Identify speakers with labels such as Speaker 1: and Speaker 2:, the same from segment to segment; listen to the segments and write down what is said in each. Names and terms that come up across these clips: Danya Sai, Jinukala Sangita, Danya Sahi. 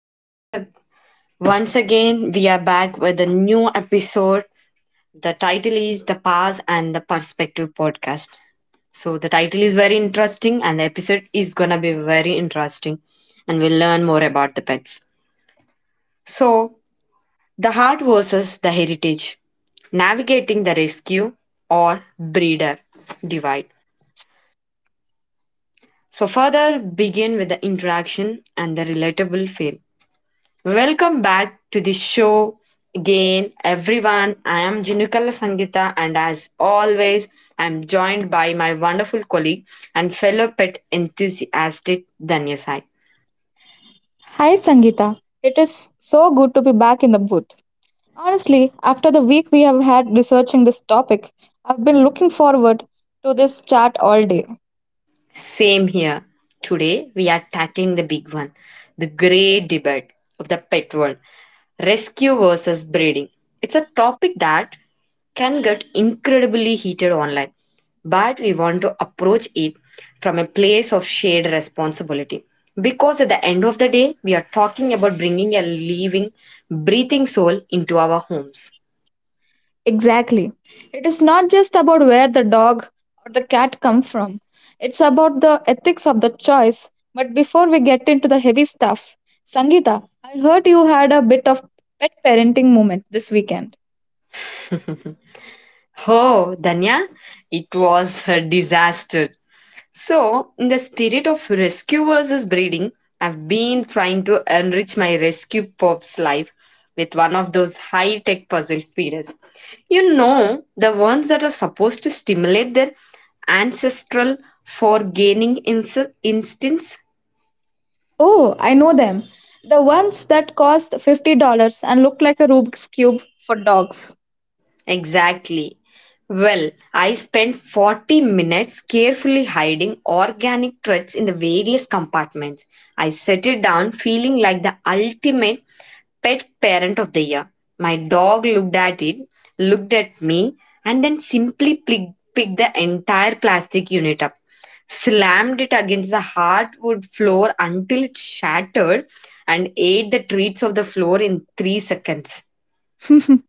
Speaker 1: and once again we are back with a new episode. The title is The Past and the Perspective podcast. So the title is very interesting and the episode is going to be very interesting, and we'll learn more about the pets. So the heart versus the heritage, navigating the rescue or breeder divide. So further begin with the interaction and the relatable feel. Welcome back to the show again, everyone. I am Jinukala Sangita, and as always, I'm joined by my wonderful colleague and fellow pet enthusiast Danya Sai.
Speaker 2: Hi Sangeeta, it is so good to be back in the booth. Honestly, after the week we have had researching this topic, I've been looking forward to this chat all day.
Speaker 1: Same here. Today, we are tackling the big one, the great debate of the pet world, rescue versus breeding. It's a topic that can get incredibly heated online, but we want to approach it from a place of shared responsibility. Because at the end of the day, we are talking about bringing a living, breathing soul into our homes.
Speaker 2: Exactly. It is not just about where the dog or the cat come from. It's about the ethics of the choice. But before we get into the heavy stuff, Sangeeta, I heard you had a bit of pet parenting moment this weekend.
Speaker 1: Oh, Danya, it was a disaster. So, in the spirit of rescue versus breeding, I've been trying to enrich my rescue pop's life with one of those high tech puzzle feeders. You know, the ones that are supposed to stimulate their ancestral for gaining instincts?
Speaker 2: Oh, I know them. The ones that cost $50 and look like a Rubik's Cube for dogs.
Speaker 1: Exactly. Well, I spent 40 minutes carefully hiding organic threads in the various compartments. I set it down feeling like the ultimate Pet Parent of the Year. My dog looked at it, looked at me, and then simply picked the entire plastic unit up, slammed it against the hardwood floor until it shattered, and ate the treats of the floor in 3 seconds.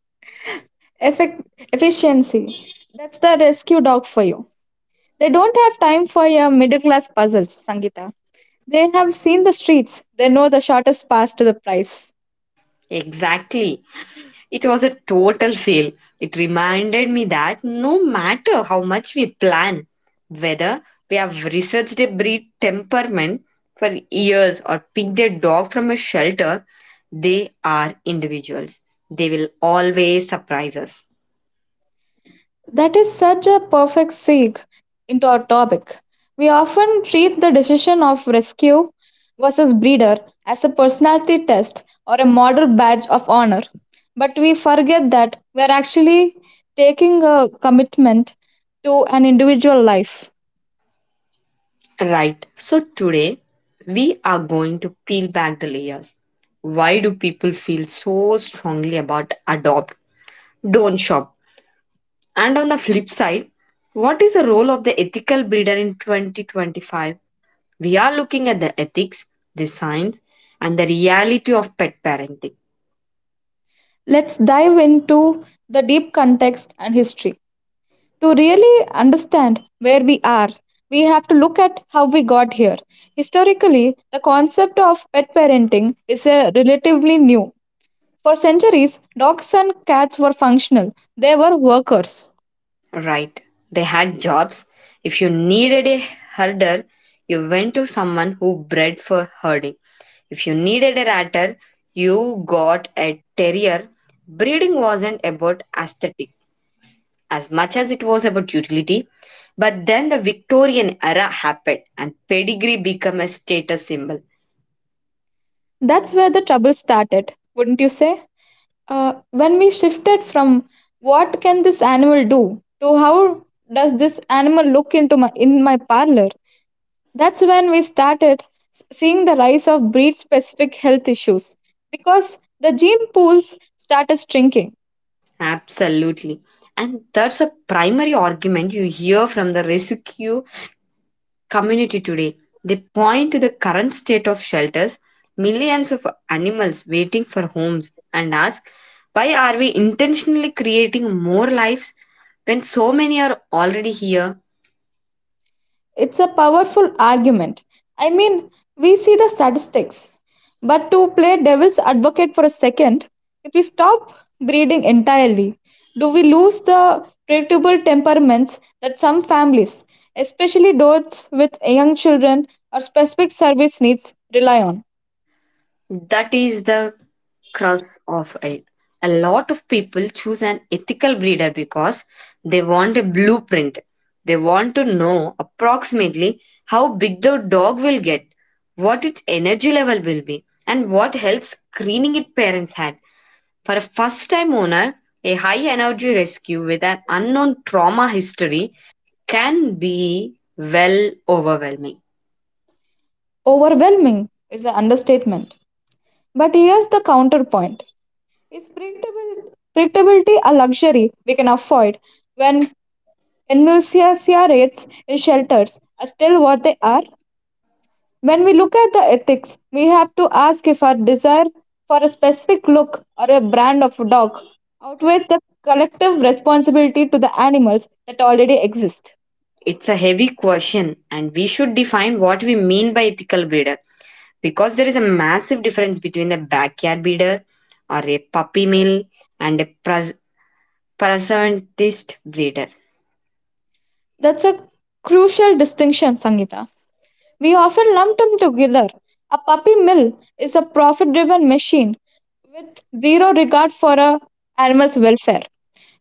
Speaker 2: Effect- Efficiency. That's the rescue dog for you. They don't have time for your middle class puzzles, Sangita. They have seen the streets. They know the shortest path to the prize.
Speaker 1: Exactly. It was a total fail. It reminded me that no matter how much we plan, whether we have researched a breed temperament for years or picked a dog from a shelter, they are individuals. They will always surprise us.
Speaker 2: That is such a perfect segue into our topic. We often treat the decision of rescue versus breeder as a personality test or a model badge of honor, but we forget that we are actually taking a commitment to an individual life.
Speaker 1: Right. So today we are going to peel back the layers. Why do people feel so strongly about adopt, don't shop? And on the flip side, what is the role of the ethical breeder in 2025? We are looking at the ethics, the science, and the reality of pet parenting.
Speaker 2: Let's dive into the deep context and history. To really understand where we are, we have to look at how we got here. Historically, the concept of pet parenting is a relatively new. For centuries, dogs and cats were functional; they were workers.
Speaker 1: Right. They had jobs. If you needed a herder, you went to someone who bred for herding. If you needed a ratter, you got a terrier. Breeding wasn't about aesthetic as much as it was about utility. But then the Victorian era happened and pedigree became a status symbol.
Speaker 2: That's where the trouble started, wouldn't you say? When we shifted from what can this animal do to how does this animal look into my, in my parlor, that's when we started seeing the rise of breed specific health issues because the gene pools started shrinking.
Speaker 1: Absolutely. And that's a primary argument you hear from the rescue community today. They point to the current state of shelters, millions of animals waiting for homes, and ask, why are we intentionally creating more lives when so many are already here?
Speaker 2: It's a powerful argument. I mean, we see the statistics. But to play devil's advocate for a second, if we stop breeding entirely, do we lose the predictable temperaments that some families, especially those with young children or specific service needs, rely on?
Speaker 1: That is the crux of it. A lot of people choose an ethical breeder because they want a blueprint. They want to know approximately how big the dog will get, what its energy level will be, and what health screening its parents had. For a first time owner, a high energy rescue with an unknown trauma history can be, well, overwhelming.
Speaker 2: Overwhelming is an understatement. But here's the counterpoint: is predictability a luxury we can afford when inertia rates in shelters are still what they are? When we look at the ethics, we have to ask if our desire for a specific look or a brand of dog outweighs the collective responsibility to the animals that already exist.
Speaker 1: It's a heavy question, and we should define what we mean by ethical breeder, because there is a massive difference between a backyard breeder or a puppy mill and a presentist breeder.
Speaker 2: That's a crucial distinction, Sangita. We often lump them together. A puppy mill is a profit driven machine with zero regard for a animal's welfare.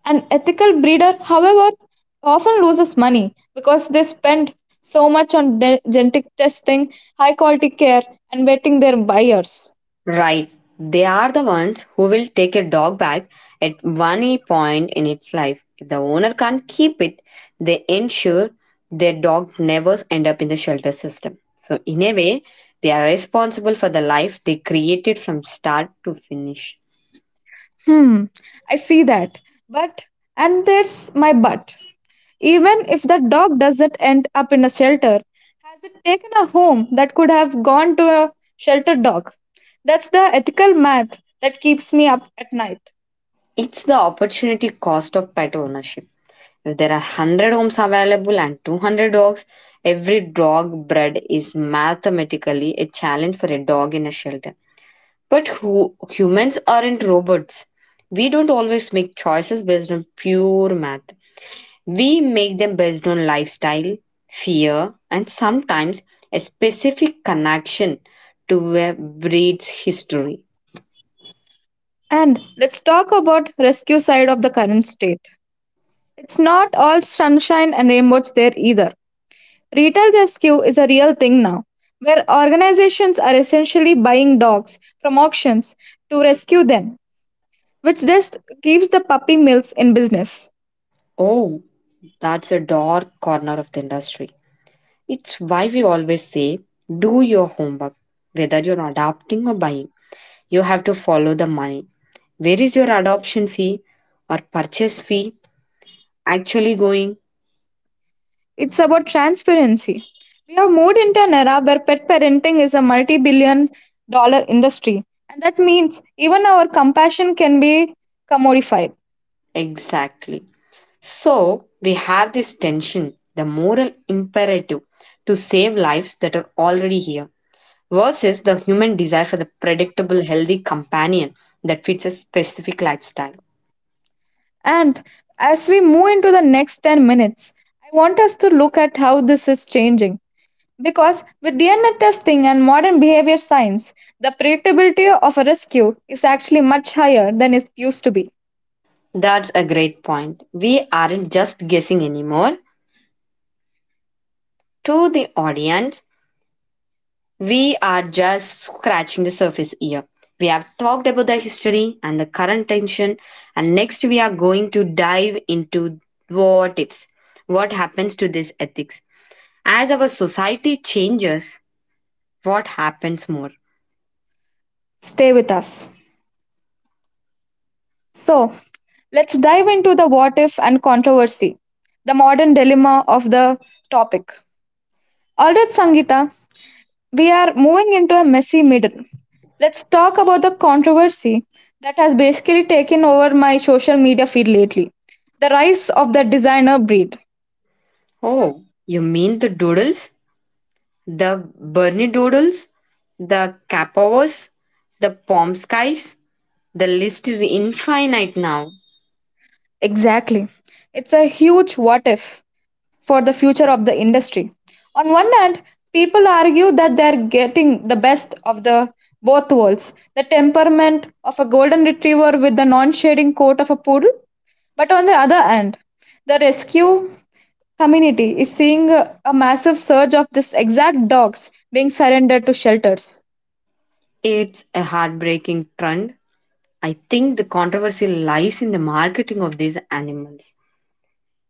Speaker 2: An ethical breeder, however, often loses money because they spend so much on genetic testing, high quality care, and vetting their buyers.
Speaker 1: Right. They are the ones who will take a dog back at one point in its life. If the owner can't keep it, they ensure their dog never end up in the shelter system. So in a way, they are responsible for the life they created from start to finish.
Speaker 2: Hmm, I see that. But, and there's my but. Even if the dog doesn't end up in a shelter, has it taken a home that could have gone to a shelter dog? That's the ethical math that keeps me up at night.
Speaker 1: It's the opportunity cost of pet ownership. If there are 100 homes available and 200 dogs, every dog bred is mathematically a challenge for a dog in a shelter. But who, humans aren't robots. We don't always make choices based on pure math. We make them based on lifestyle, fear, and sometimes a specific connection to a breed's history.
Speaker 2: And let's talk about rescue side of the current state. It's not all sunshine and rainbows there either. Retail rescue is a real thing now, where organizations are essentially buying dogs from auctions to rescue them, which just keeps the puppy mills in business.
Speaker 1: Oh, that's a dark corner of the industry. It's why we always say do your homework. Whether you're adopting or buying, you have to follow the money. Where is your adoption fee or purchase fee actually going?
Speaker 2: It's about transparency. We have moved into an era where pet parenting is a multi billion dollar industry. And that means even our compassion can be commodified.
Speaker 1: Exactly. So we have this tension, the moral imperative to save lives that are already here versus the human desire for the predictable, healthy companion that fits a specific lifestyle.
Speaker 2: And as we move into the next 10 minutes, I want us to look at how this is changing. Because with DNA testing and modern behavior science, the predictability of a rescue is actually much higher than it used to be.
Speaker 1: That's a great point. We aren't just guessing anymore. To the audience, we are just scratching the surface here. We have talked about the history and the current tension, and next we are going to dive into what ifs. What happens to this ethics? As our society changes, what happens more?
Speaker 2: Stay with us. So, let's dive into the what if and controversy, the modern dilemma of the topic. Alright, Sangita, we are moving into a messy middle. Let's talk about the controversy that has basically taken over my social media feed lately, the rise of the designer breed.
Speaker 1: Oh, you mean the doodles? The Bernie doodles? The Capovas? The Pomskys? The list is infinite now.
Speaker 2: Exactly. It's a huge what if for the future of the industry. On one hand, people argue that they are getting the best of the both worlds, the temperament of a golden retriever with the non shading coat of a poodle. But on the other hand, the rescue community is seeing a massive surge of these exact dogs being surrendered to shelters.
Speaker 1: It's a heartbreaking trend. I think the controversy lies in the marketing of these animals.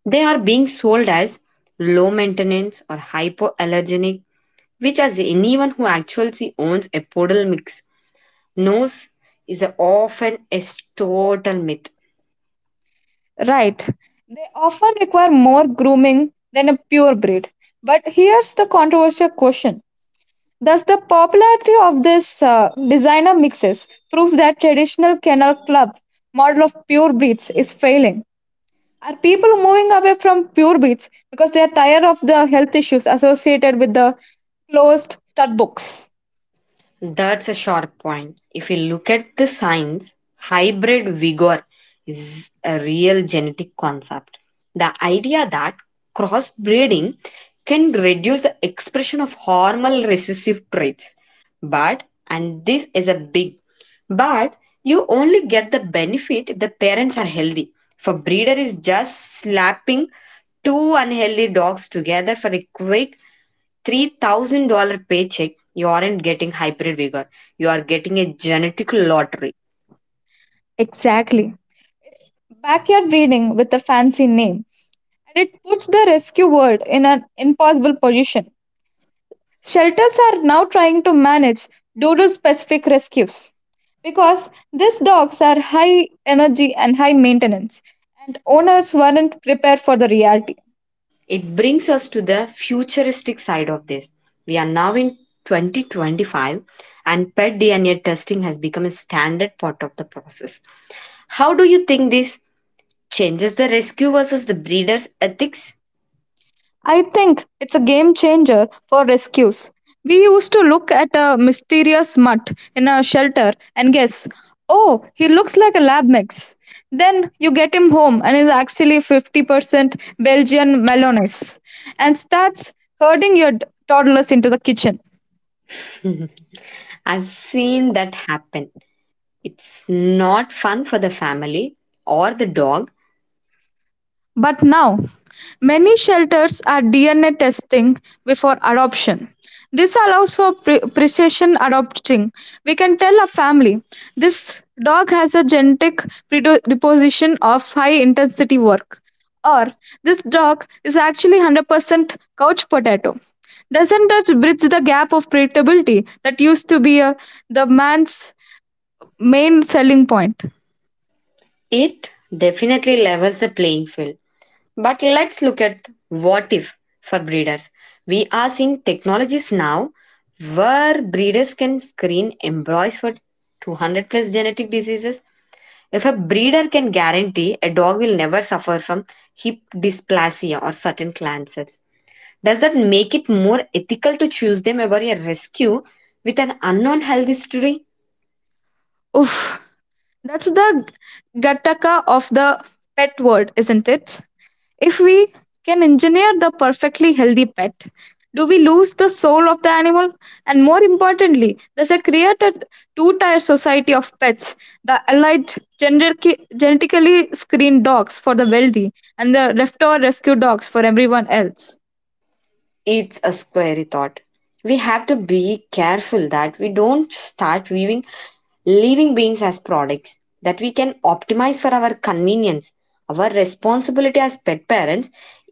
Speaker 1: They are being sold as low maintenance or hypoallergenic, which, as anyone who actually owns a poodle mix knows, is often a total myth.
Speaker 2: Right. They often require more grooming than a pure breed. But here's the controversial question: thus, the popularity of this designer mixes prove that traditional kennel club model of pure breeds is failing. Are people moving away from pure breeds because they are tired of the health issues associated with the closed stud books?
Speaker 1: That's a sharp point. If you look at the science, hybrid vigor is a real genetic concept. The idea that crossbreeding can reduce the expression of hormonal recessive traits. But, and this is a big but, you only get the benefit if the parents are healthy. If a breeder is just slapping two unhealthy dogs together for a quick $3,000 paycheck, you aren't getting hybrid vigor, you are getting a genetic lottery.
Speaker 2: Exactly. It's backyard breeding with a fancy name, and it puts the rescue world in an impossible position. Shelters are now trying to manage doodle-specific rescues, because these dogs are high energy and high maintenance, and owners weren't prepared for the reality.
Speaker 1: It brings us to the futuristic side of this. We are now in 2025 and pet DNA testing has become a standard part of the process. How do you think this changes the rescue versus the breeder's ethics?
Speaker 2: I think it's a game changer for rescues. We used to look at a mysterious mutt in a shelter and guess, oh, he looks like a lab mix. Then you get him home and is actually 50% Belgian Malinois and starts herding your toddlers into the kitchen.
Speaker 1: I've seen that happen. It's not fun for the family or the dog.
Speaker 2: But now, many shelters are DNA testing before adoption. This allows for precision adopting. We can tell a family this dog has a genetic predisposition of high intensity work, or this dog is actually 100% couch potato. Doesn't that bridge the gap of predictability that used to be the man's main selling point?
Speaker 1: It definitely levels the playing field. But let's look at what if for breeders. We are seeing technologies now where breeders can screen embryos for 200 plus genetic diseases. If a breeder can guarantee a dog will never suffer from hip dysplasia or certain cancers, does that make it more ethical to choose them over a rescue with an unknown health history?
Speaker 2: Oof, that's the gattaca of the pet world, isn't it? If we can engineer the perfectly healthy pet, do we lose the soul of the animal? And more importantly, does it create a two tier society of pets, the allied genetically screened dogs for the wealthy and the leftover rescue dogs for everyone else?
Speaker 1: It's a scary thought. We have to be careful that we don't start viewing living beings as products that we can optimize for our convenience. Our responsibility as pet parents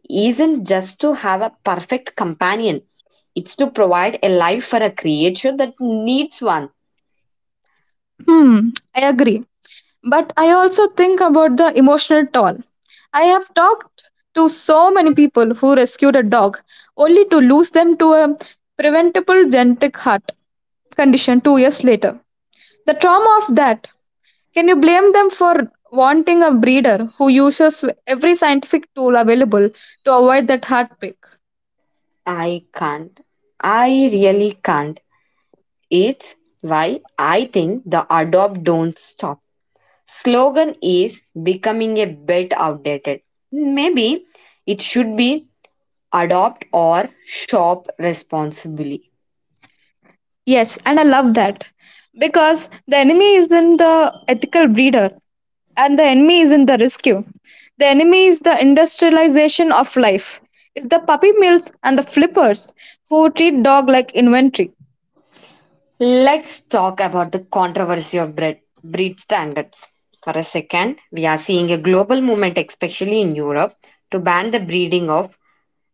Speaker 1: isn't just to have a perfect companion, it's to provide a life for a creature that needs one.
Speaker 2: Hmm, I agree. But I also think about the emotional toll. I have talked to so many people who rescued a dog only to lose them to a preventable genetic heart condition 2 years later. The trauma of that, can you blame them for wanting a breeder who uses every scientific tool available to avoid that heartbreak?
Speaker 1: I can't. I really can't. It's why I think the adopt don't stop slogan is becoming a bit outdated. Maybe it should be adopt or shop responsibly.
Speaker 2: Yes, and I love that because the enemy isn't the ethical breeder, and the enemy is in the rescue. The enemy is the industrialization of life. It's the puppy mills and the flippers who treat dog like inventory.
Speaker 1: Let's talk about the controversy of breed standards. For a second, we are seeing a global movement, especially in Europe, to ban the breeding of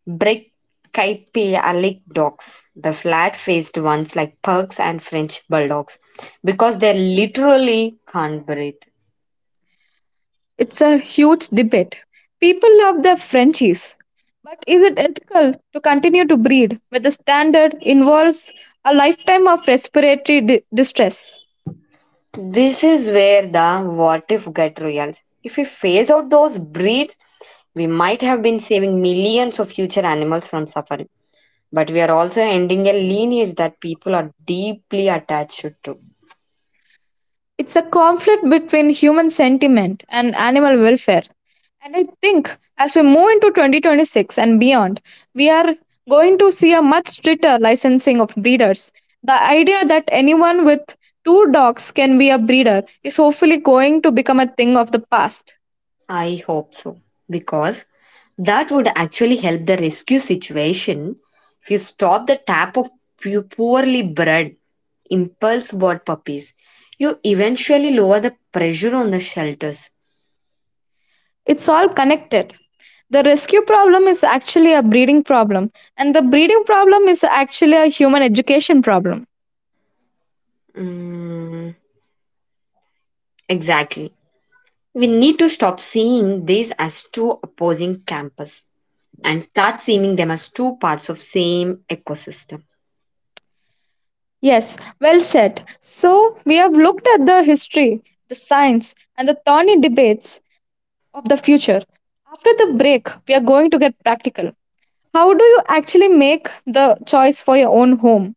Speaker 1: Brachycephalic dogs, the flat-faced ones like pugs and French bulldogs, because they literally can't breathe.
Speaker 2: It's a huge debate. People love their Frenchies. But is it ethical to continue to breed when the standard involves a lifetime of respiratory distress?
Speaker 1: This is where the what if get real. If we phase out those breeds, we might have been saving millions of future animals from suffering. But we are also ending a lineage that people are deeply attached to.
Speaker 2: It's a conflict between human sentiment and animal welfare. And I think as we move into 2026 and beyond, we are going to see a much stricter licensing of breeders. The idea that anyone with 2 dogs can be a breeder is hopefully going to become a thing of the past.
Speaker 1: I hope so. Because that would actually help the rescue situation if you stop the tap of poorly bred impulse bought puppies. You eventually lower the pressure on the shelters.
Speaker 2: It's all connected. The rescue problem is actually a breeding problem, and the breeding problem is actually a human education problem.
Speaker 1: Mm, exactly. We need to stop seeing these as two opposing campuses and start seeing them as two parts of same ecosystem.
Speaker 2: Yes, well said. So, we have looked at the history, the science, and the thorny debates of the future. After the break, we are going to get practical. How do you actually make the choice for your own home?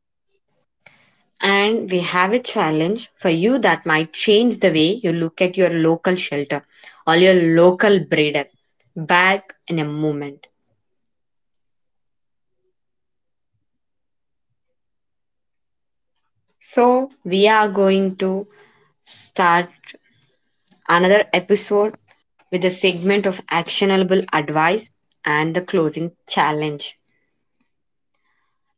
Speaker 1: And we have a challenge for you that might change the way you look at your local shelter or your local breeder. Back in a moment. So we are going to start another episode with a segment of actionable advice and the closing challenge.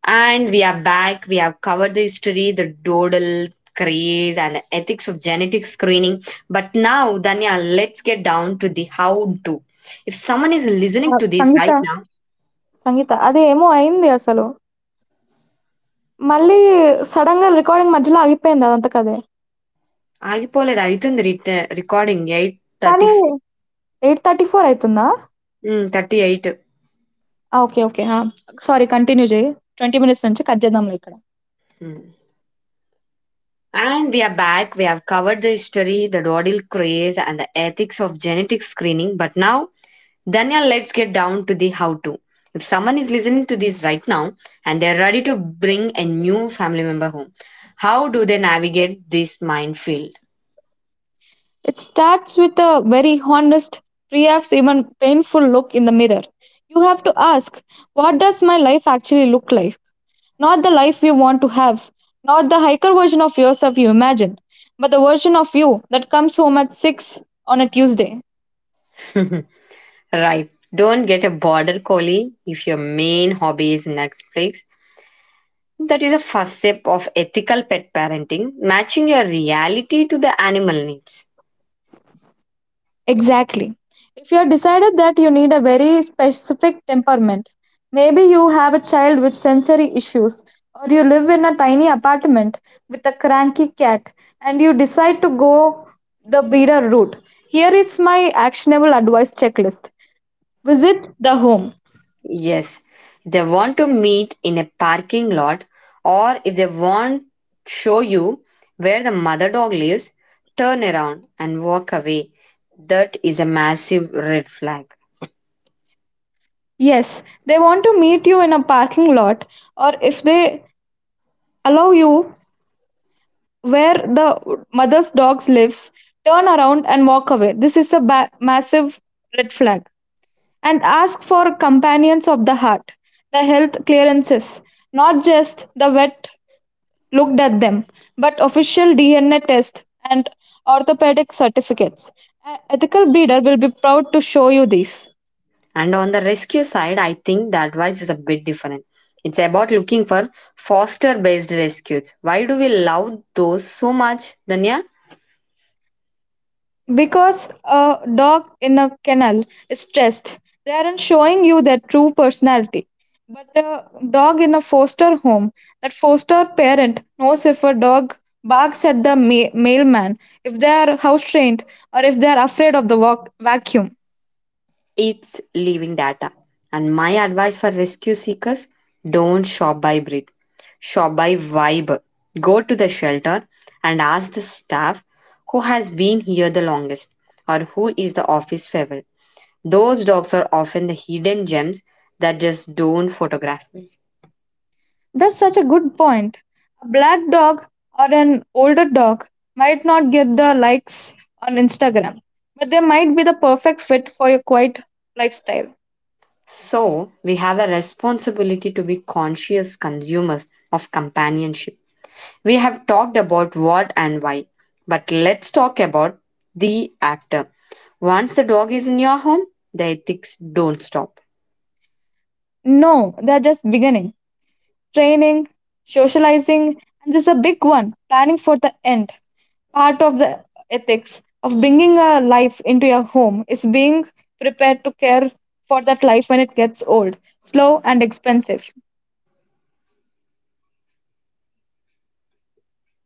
Speaker 1: And we are back. We have covered the history, the doodle craze, and the ethics of genetic screening. But now, Danya, let's get down to the how to. If someone is
Speaker 3: ఆ!
Speaker 1: listening to this
Speaker 3: Sangeetha.
Speaker 1: right now,
Speaker 3: సంగీత. అదేమో అయింది అసలు. మళ్ళీ సడెన్‌గా recording మధ్యలో ఆగిపోయింది అదంతకదే.
Speaker 1: ఆగిపోలేదు అవుతుంది రిట రికార్డింగ్ ఎయిట్ థర్టీ
Speaker 3: కానీ 8:34 అయితుందా?
Speaker 1: Thirty eight.
Speaker 3: ఆ! ఓకే. ఓకే. ఆ! సారీ కంటిన్యూ చెయ్యి. 20 మినిట్స్ నుంచి కట్ చేద్దాంలే ఇక్కడ.
Speaker 1: And we are back. We have covered the history, the doodle craze, and the ethics of genetic screening. But now, Daniel, let's get down to the how to. If someone is listening to this right now and they're ready to bring a new family member home, how do they navigate this minefield?
Speaker 3: It starts with a very honest, perhaps even painful look in the mirror. You have to ask, what does my life actually look like? Not the life you want to have, not the higher version of yourself you imagine, but the version of you that comes home at 6 on a Tuesday.
Speaker 1: Right. Don't get a border collie if your main hobby is Netflix. That is a first step of ethical pet parenting, matching your reality to the animal needs.
Speaker 3: Exactly. If you're decided that you need a very specific temperament, maybe you have a child with sensory issues, or you live in a tiny apartment with a cranky cat, and you decide to go the Bira route. Here is my actionable advice checklist: visit the home.
Speaker 1: Yes, they want to meet in a parking lot, or if they want show you where the mother dog lives, turn around and walk away. That is a massive red flag.
Speaker 3: Yes, they want to meet you in a parking lot, or if they allow you, where the mother's dog lives, turn around and walk away. This is a massive red flag. And ask for companions of the heart, the health clearances, not just the vet looked at them, but official DNA test and orthopedic certificates. An ethical breeder will be proud to show you these.
Speaker 1: And on the rescue side, I think the advice is a bit different. It's about looking for foster based rescues. Why do we love those so much, Danya?
Speaker 3: Because a dog in a kennel is stressed, they aren't showing you their true personality. But the dog in a foster home, that foster parent knows if a dog barks at the mailman, if they are house trained, or if they are afraid of the vacuum.
Speaker 1: It's living data. And my advice for rescue seekers, don't shop by breed, shop by vibe. Go to the shelter and ask the staff who has been here the longest or who is the office favorite. Those dogs are often the hidden gems that just don't photograph.
Speaker 3: That's such a good point. A black dog or an older dog might not get the likes on Instagram, but they might be the perfect fit for your quiet lifestyle.
Speaker 1: So, we have a responsibility to be conscious consumers of companionship. We have talked about what and why, but let's talk about the after. Once the dog is in your home, the ethics don't stop.
Speaker 3: No, they're just beginning. Training, socializing, and this is a big one: planning for the end. Part of the ethics of bringing a life into your home is being prepared to care for that life when it gets old, slow, and expensive.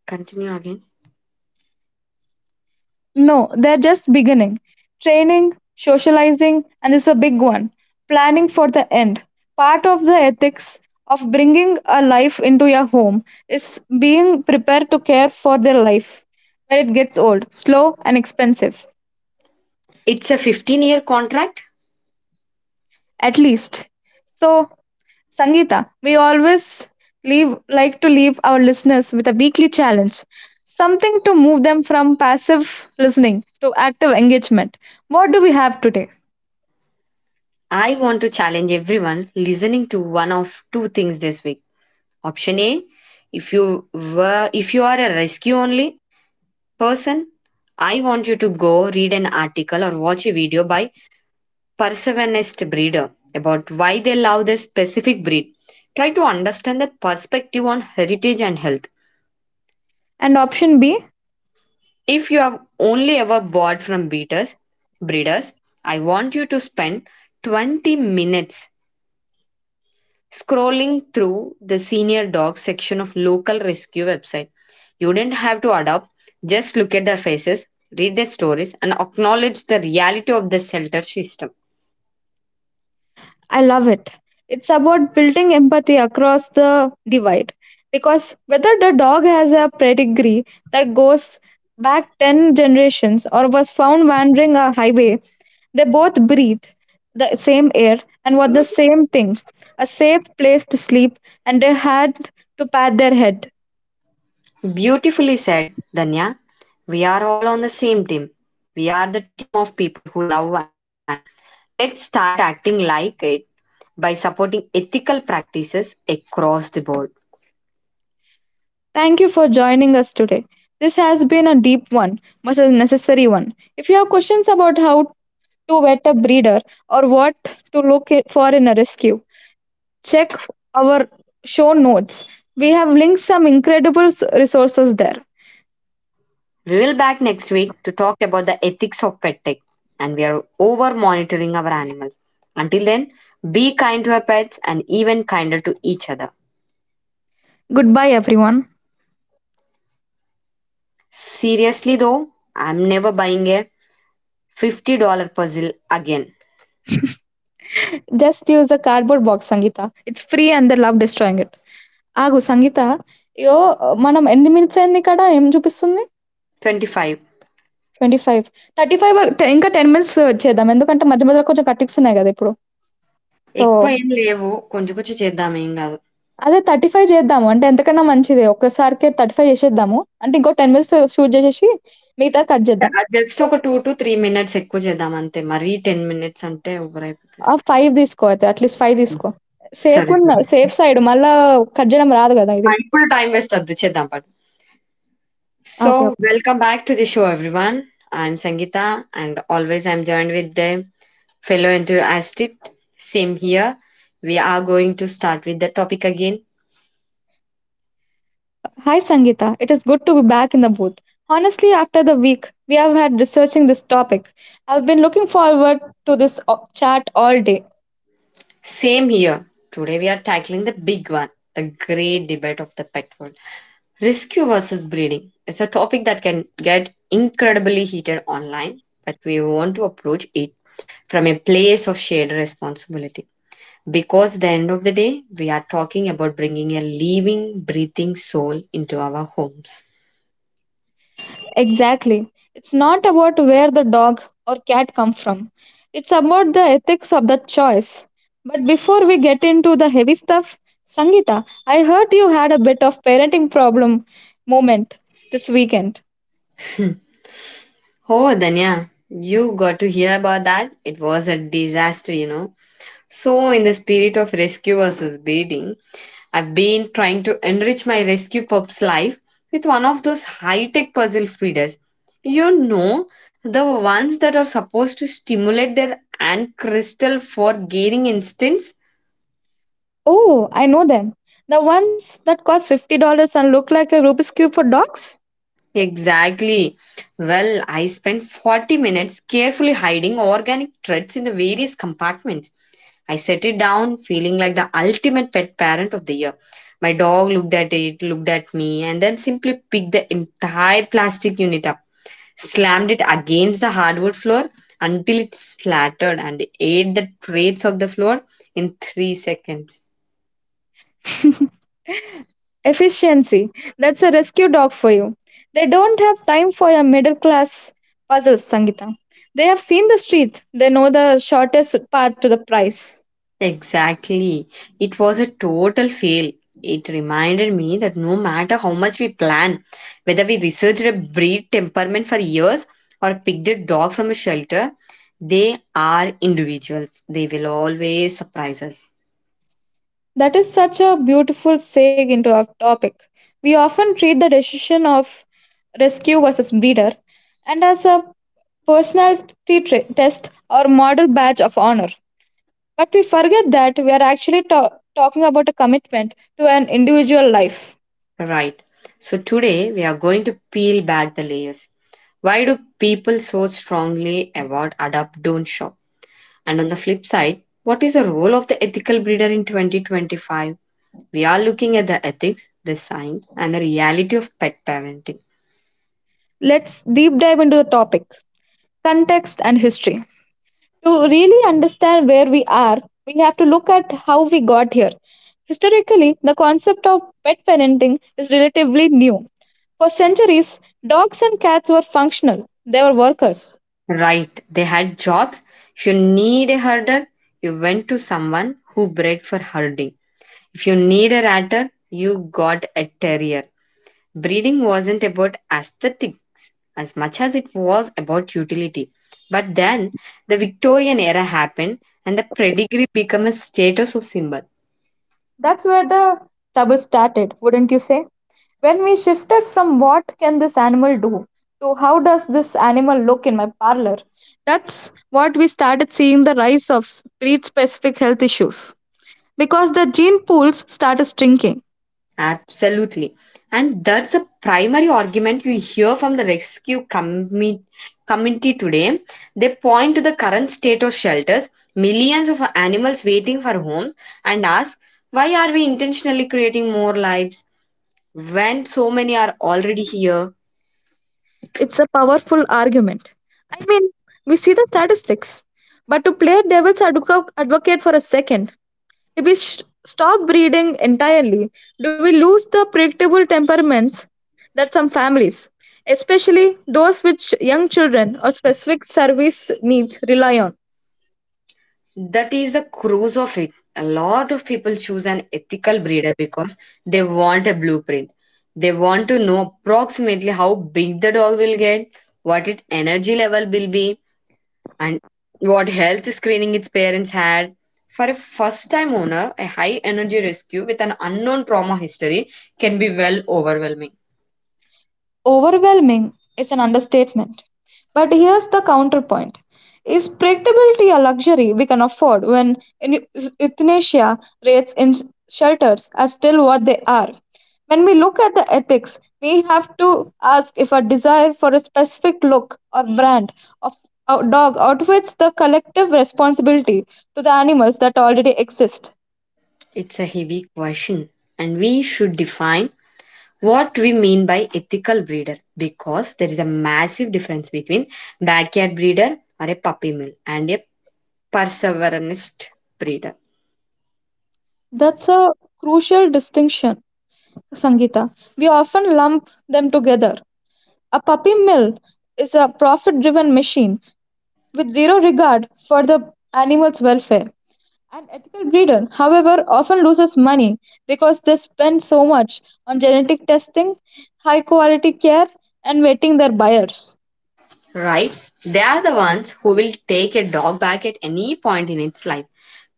Speaker 1: Continue again.
Speaker 3: No, they're just beginning. Training, socializing, and this is a big one: planning for the end. Part of the ethics of bringing a life into your home is being prepared to care for their life when it gets old, slow, and expensive.
Speaker 1: It's a 15-year year contract.
Speaker 3: At least. So, Sangeeta, we always leave like to leave our listeners with a weekly challenge, something to move them from passive listening to active engagement. What do we have today?
Speaker 1: I want to challenge everyone listening to one of two things this week. Option A, if you are a rescue only person, I want you to go read an article or watch a video by Perseveranist breeder about why they love this specific breed. Try to understand their perspective on heritage and health.
Speaker 3: And option B,
Speaker 1: If you have only ever bought from breeders, breeders, I want you to spend 20 minutes scrolling through the senior dog section of local rescue website. You didn't have to adopt, just look at their faces, read their stories, and acknowledge the reality of the shelter system.
Speaker 3: I love it. It's about building empathy across the divide. Because whether the dog has a pedigree that goes back 10 generations or was found wandering a highway, they both breathe the same air and want the same thing: a safe place to sleep, and they had to pat their head.
Speaker 1: Beautifully said, Danya. We are all on the same team. We are the team of people who love animals. Let's start acting like it by supporting ethical practices across the board.
Speaker 3: Thank you for joining us today. This has been a deep one, but a necessary one. If you have questions about how to vet a breeder or what to look for in a rescue, check our show notes. We have linked some incredible resources there.
Speaker 1: We will back next week to talk about the ethics of pet tech and we are over monitoring our animals. Until then, be kind to our pets and even kinder to each other.
Speaker 3: Goodbye, everyone.
Speaker 1: Seriously though, I'm never buying a $50 puzzle again.
Speaker 3: Just use a cardboard box, Sangita. It's free and they love destroying it. ఆగు సంగీత, యో, మనం ఎన్ని minutes అయింది ఇక్కడ ఏం చూపిస్తుంది?
Speaker 1: 25
Speaker 3: twenty five. Thirty five. ఇంకా ten minutes చేద్దాం ఎందుకంటే మధ్య మధ్యలో కొంచెం కట్టిక్స్ ఉన్నాయి కదా ఇప్పుడు. సో
Speaker 1: ఎక్కువ ఏం లేవు. కొంచెం కొంచెం చేద్దాం ఏం గాదు.
Speaker 3: అదే 35 చేద్దాము. అంటే ఎంతకన్నా మంచిదే. ఒక్కసారికే 35 చేసేద్దాము. అంటే ఇంకో 10 మినిట్స్ షూట్ చేసేసి మిగతాది కట్ చేద్దాం.
Speaker 1: ఆహ్, జస్ట్ ఒక 2-3 మినిట్స్ ఎక్కువ చేద్దాం అంతే. మరీ 10 మినిట్స్ అంటే ఓవర్ అయిపోతది.
Speaker 3: ఆ! 5 తీసుకో అయితే, అట్‌లీస్ట్ 5 తీసుకో.
Speaker 1: సరే, సరే.
Speaker 3: సేఫ్ సైడ్ మళ్ళా. కట్ చేయడం రాదు కదా
Speaker 1: ఆ!
Speaker 3: ఇది.
Speaker 1: ఇప్పుడు టైం వేస్ట్ ఒద్దు చేద్దాం పడు. So,
Speaker 3: okay. Okay.
Speaker 1: Welcome back to the show everyone. I am Sangeeta and always I am joined with the fellow enthusiast. Same here. We are going to start with the topic again.
Speaker 3: Hi Sangeeta. It is good to be back in the booth. Honestly, after the week we have had researching this topic, I've been looking forward to this chat all day.
Speaker 1: Same here. Today we are tackling the big one, the great debate of the pet world. Rescue versus breeding. It's a topic that can get incredibly heated online, but we want to approach it from a place of shared responsibility. Because at the end of the day, we are talking about bringing a living, breathing soul into our homes.
Speaker 3: Exactly. It's not about where the dog or cat come from. It's about the ethics of that choice. But before we get into the heavy stuff, Sangeeta, I heard you had a bit of parenting problem moment this weekend.
Speaker 1: Oh, Danya, you got to hear about that. It was a disaster, you know. So, in the spirit of rescue versus breeding, I've been trying to enrich my rescue pup's life with one of those high tech puzzle feeders. You know, the ones that are supposed to stimulate their ant crystal for gaining instance?
Speaker 3: Oh, I know them. The ones that cost $50 and look like a Rubik's Cube for dogs?
Speaker 1: Exactly. Well, I spent 40 minutes carefully hiding organic threads in the various compartments. I set it down, feeling like the ultimate pet parent of the year. My dog looked at it, looked at me, and then simply picked the entire plastic unit up, slammed it against the hardwood floor until it slattered and ate the traits of the floor in 3 seconds.
Speaker 3: Efficiency. That's a rescue dog for you. They don't have time for your middle class puzzles, Sangita. They have seen the street. They know the shortest path to the price.
Speaker 1: Exactly. It was a total fail. It reminded me that no matter how much we plan, whether we researched a breed temperament for years or picked a dog from a shelter, they are individuals. They will always surprise us.
Speaker 3: That is such a beautiful segue into our topic. We often treat the decision of rescue versus breeder and as a personality test or model badge of honor. But we forget that we are actually talking about a commitment to an individual life.
Speaker 1: Right. So today we are going to peel back the layers. Why do people so strongly avoid adopt, don't shop? And on the flip side, what is the role of the ethical breeder in 2025? We are looking at the ethics, the science, and the reality of pet parenting.
Speaker 3: Let's deep dive into the topic: context and history. To really understand where we are, we have to look at how we got here. Historically, the concept of pet parenting is relatively new. For centuries, dogs and cats were functional, they were workers.
Speaker 1: Right, they had jobs. If you need a herder, you went to someone who bred for herding. If you need a ratter, you got a terrier. Breeding wasn't about aesthetics as much as it was about utility. But then the Victorian era happened and the pedigree became a status of symbol.
Speaker 3: That's where the trouble started, wouldn't you say? When we shifted from what can this animal do to how does this animal look in my parlor, that's what we started seeing the rise of breed specific health issues, because the gene pools started shrinking.
Speaker 1: Absolutely. And that's a primary argument you hear from the rescue committee today. They point to the current state of shelters, millions of animals waiting for homes, and ask, why are we intentionally creating more lives when so many are already here?
Speaker 3: It's a powerful argument. I mean, we see the statistics. But to play devil's advocate for a second, if we stop breeding entirely, do we lose the predictable temperaments that some families, especially those with young children or specific service needs, rely on?
Speaker 1: That is the cruise of it. A lot of people choose an ethical breeder because they want a blueprint. They want to know approximately how big the dog will get, what its energy level will be, and what health screening its parents had. For a first time owner, a high energy rescue with an unknown trauma history can be, well, overwhelming.
Speaker 3: Overwhelming is an understatement. But here's the counterpoint: is predictability a luxury we can afford when euthanasia rates in shelters are still what they are? When we look at the ethics, we have to ask if a desire for a specific look or brand of a dog outweighs the collective responsibility to the animals that already exist.
Speaker 1: It's a heavy question, and we should define what we mean by ethical breeder because there is a massive difference between backyard breeder or a puppy mill and a perseverance breeder.
Speaker 3: That's a crucial distinction, Sangeeta. We often lump them together. A puppy mill is a profit-driven machine with zero regard for the animal's welfare. An ethical breeder, however, often loses money because they spend so much on genetic testing, high quality care, and vetting their buyers.
Speaker 1: Right, they are the ones who will take a dog back at any point in its life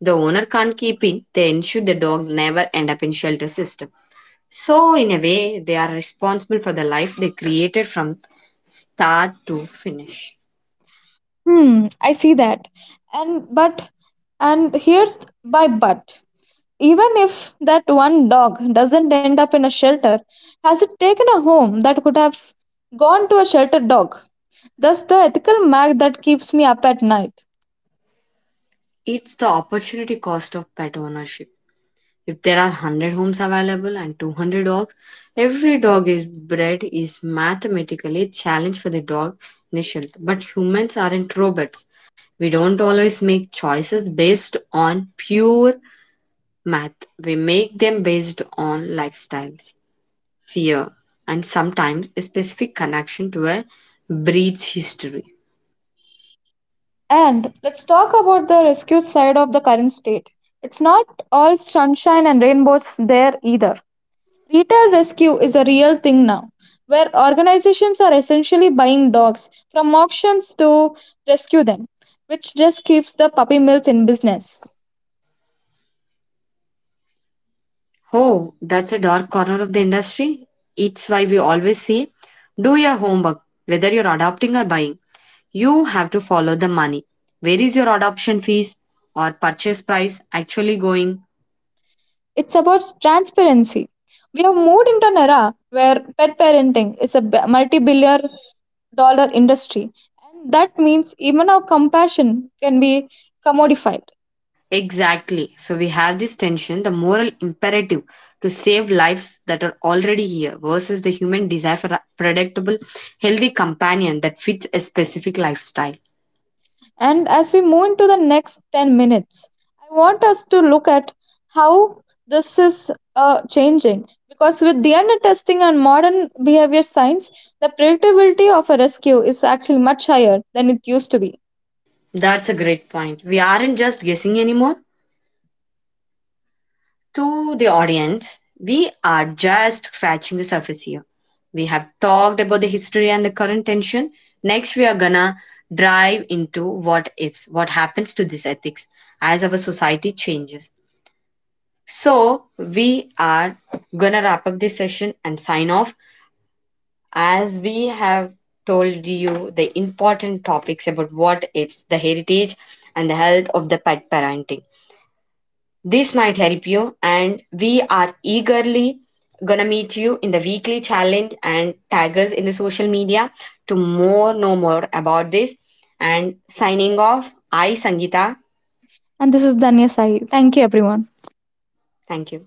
Speaker 1: the owner can't keep it. They ensure the dog never end up in shelter system, so in a way they are responsible for the life they created from start to finish.
Speaker 3: Hmm, I see that. And but and here's my but. Even if that one dog doesn't end up in a shelter, has it taken a home that could have gone to a shelter dog? That's the ethical mag that keeps me up at night.
Speaker 1: It's the opportunity cost of pet ownership. If there are 100 homes available and 200 dogs, every dog is bred is mathematically a challenge for the dog initial. But humans aren't robots. We don't always make choices based on pure math. We make them based on lifestyles, fear, and sometimes a specific connection to a breed's history.
Speaker 3: And let's talk about the rescue side of the current state. It's not all sunshine and rainbows there either. Retail rescue is a real thing now, where organizations are essentially buying dogs from auctions to rescue them, which just keeps the puppy mills in business.
Speaker 1: Oh, that's a dark corner of the industry. It's why we always say, do your homework, whether you're adopting or buying. You have to follow the money. Where is your adoption fees or purchase price actually going?
Speaker 3: It's about transparency. We have moved into an era where pet parenting is a multi billion dollar industry, and that means even our compassion can be commodified.
Speaker 1: Exactly. So we have this tension, the moral imperative to save lives that are already here versus the human desire for a predictable, healthy companion that fits a specific lifestyle.
Speaker 3: And as we move into the next 10 minutes, I want us to look at how this is changing because with DNA testing and modern behavior science, the predictability of a rescue is actually much higher than it used to be.
Speaker 1: That's a great point. We aren't just guessing anymore. To the audience, we are just scratching the surface here. We have talked about the history and the current tension. Next, we are gonna dive into what ifs, what happens to this ethics as our society changes. So, we are gonna wrap up this session and sign off as we have told you the important topics about what ifs, the heritage, and the health of the pet parenting. This might help you, and we are eagerly gonna meet you in the weekly challenge and tag us in the social media to more know more about this. And signing off, I Sangita.
Speaker 3: And this is Danya Sahi. Thank you, everyone.
Speaker 1: Thank you.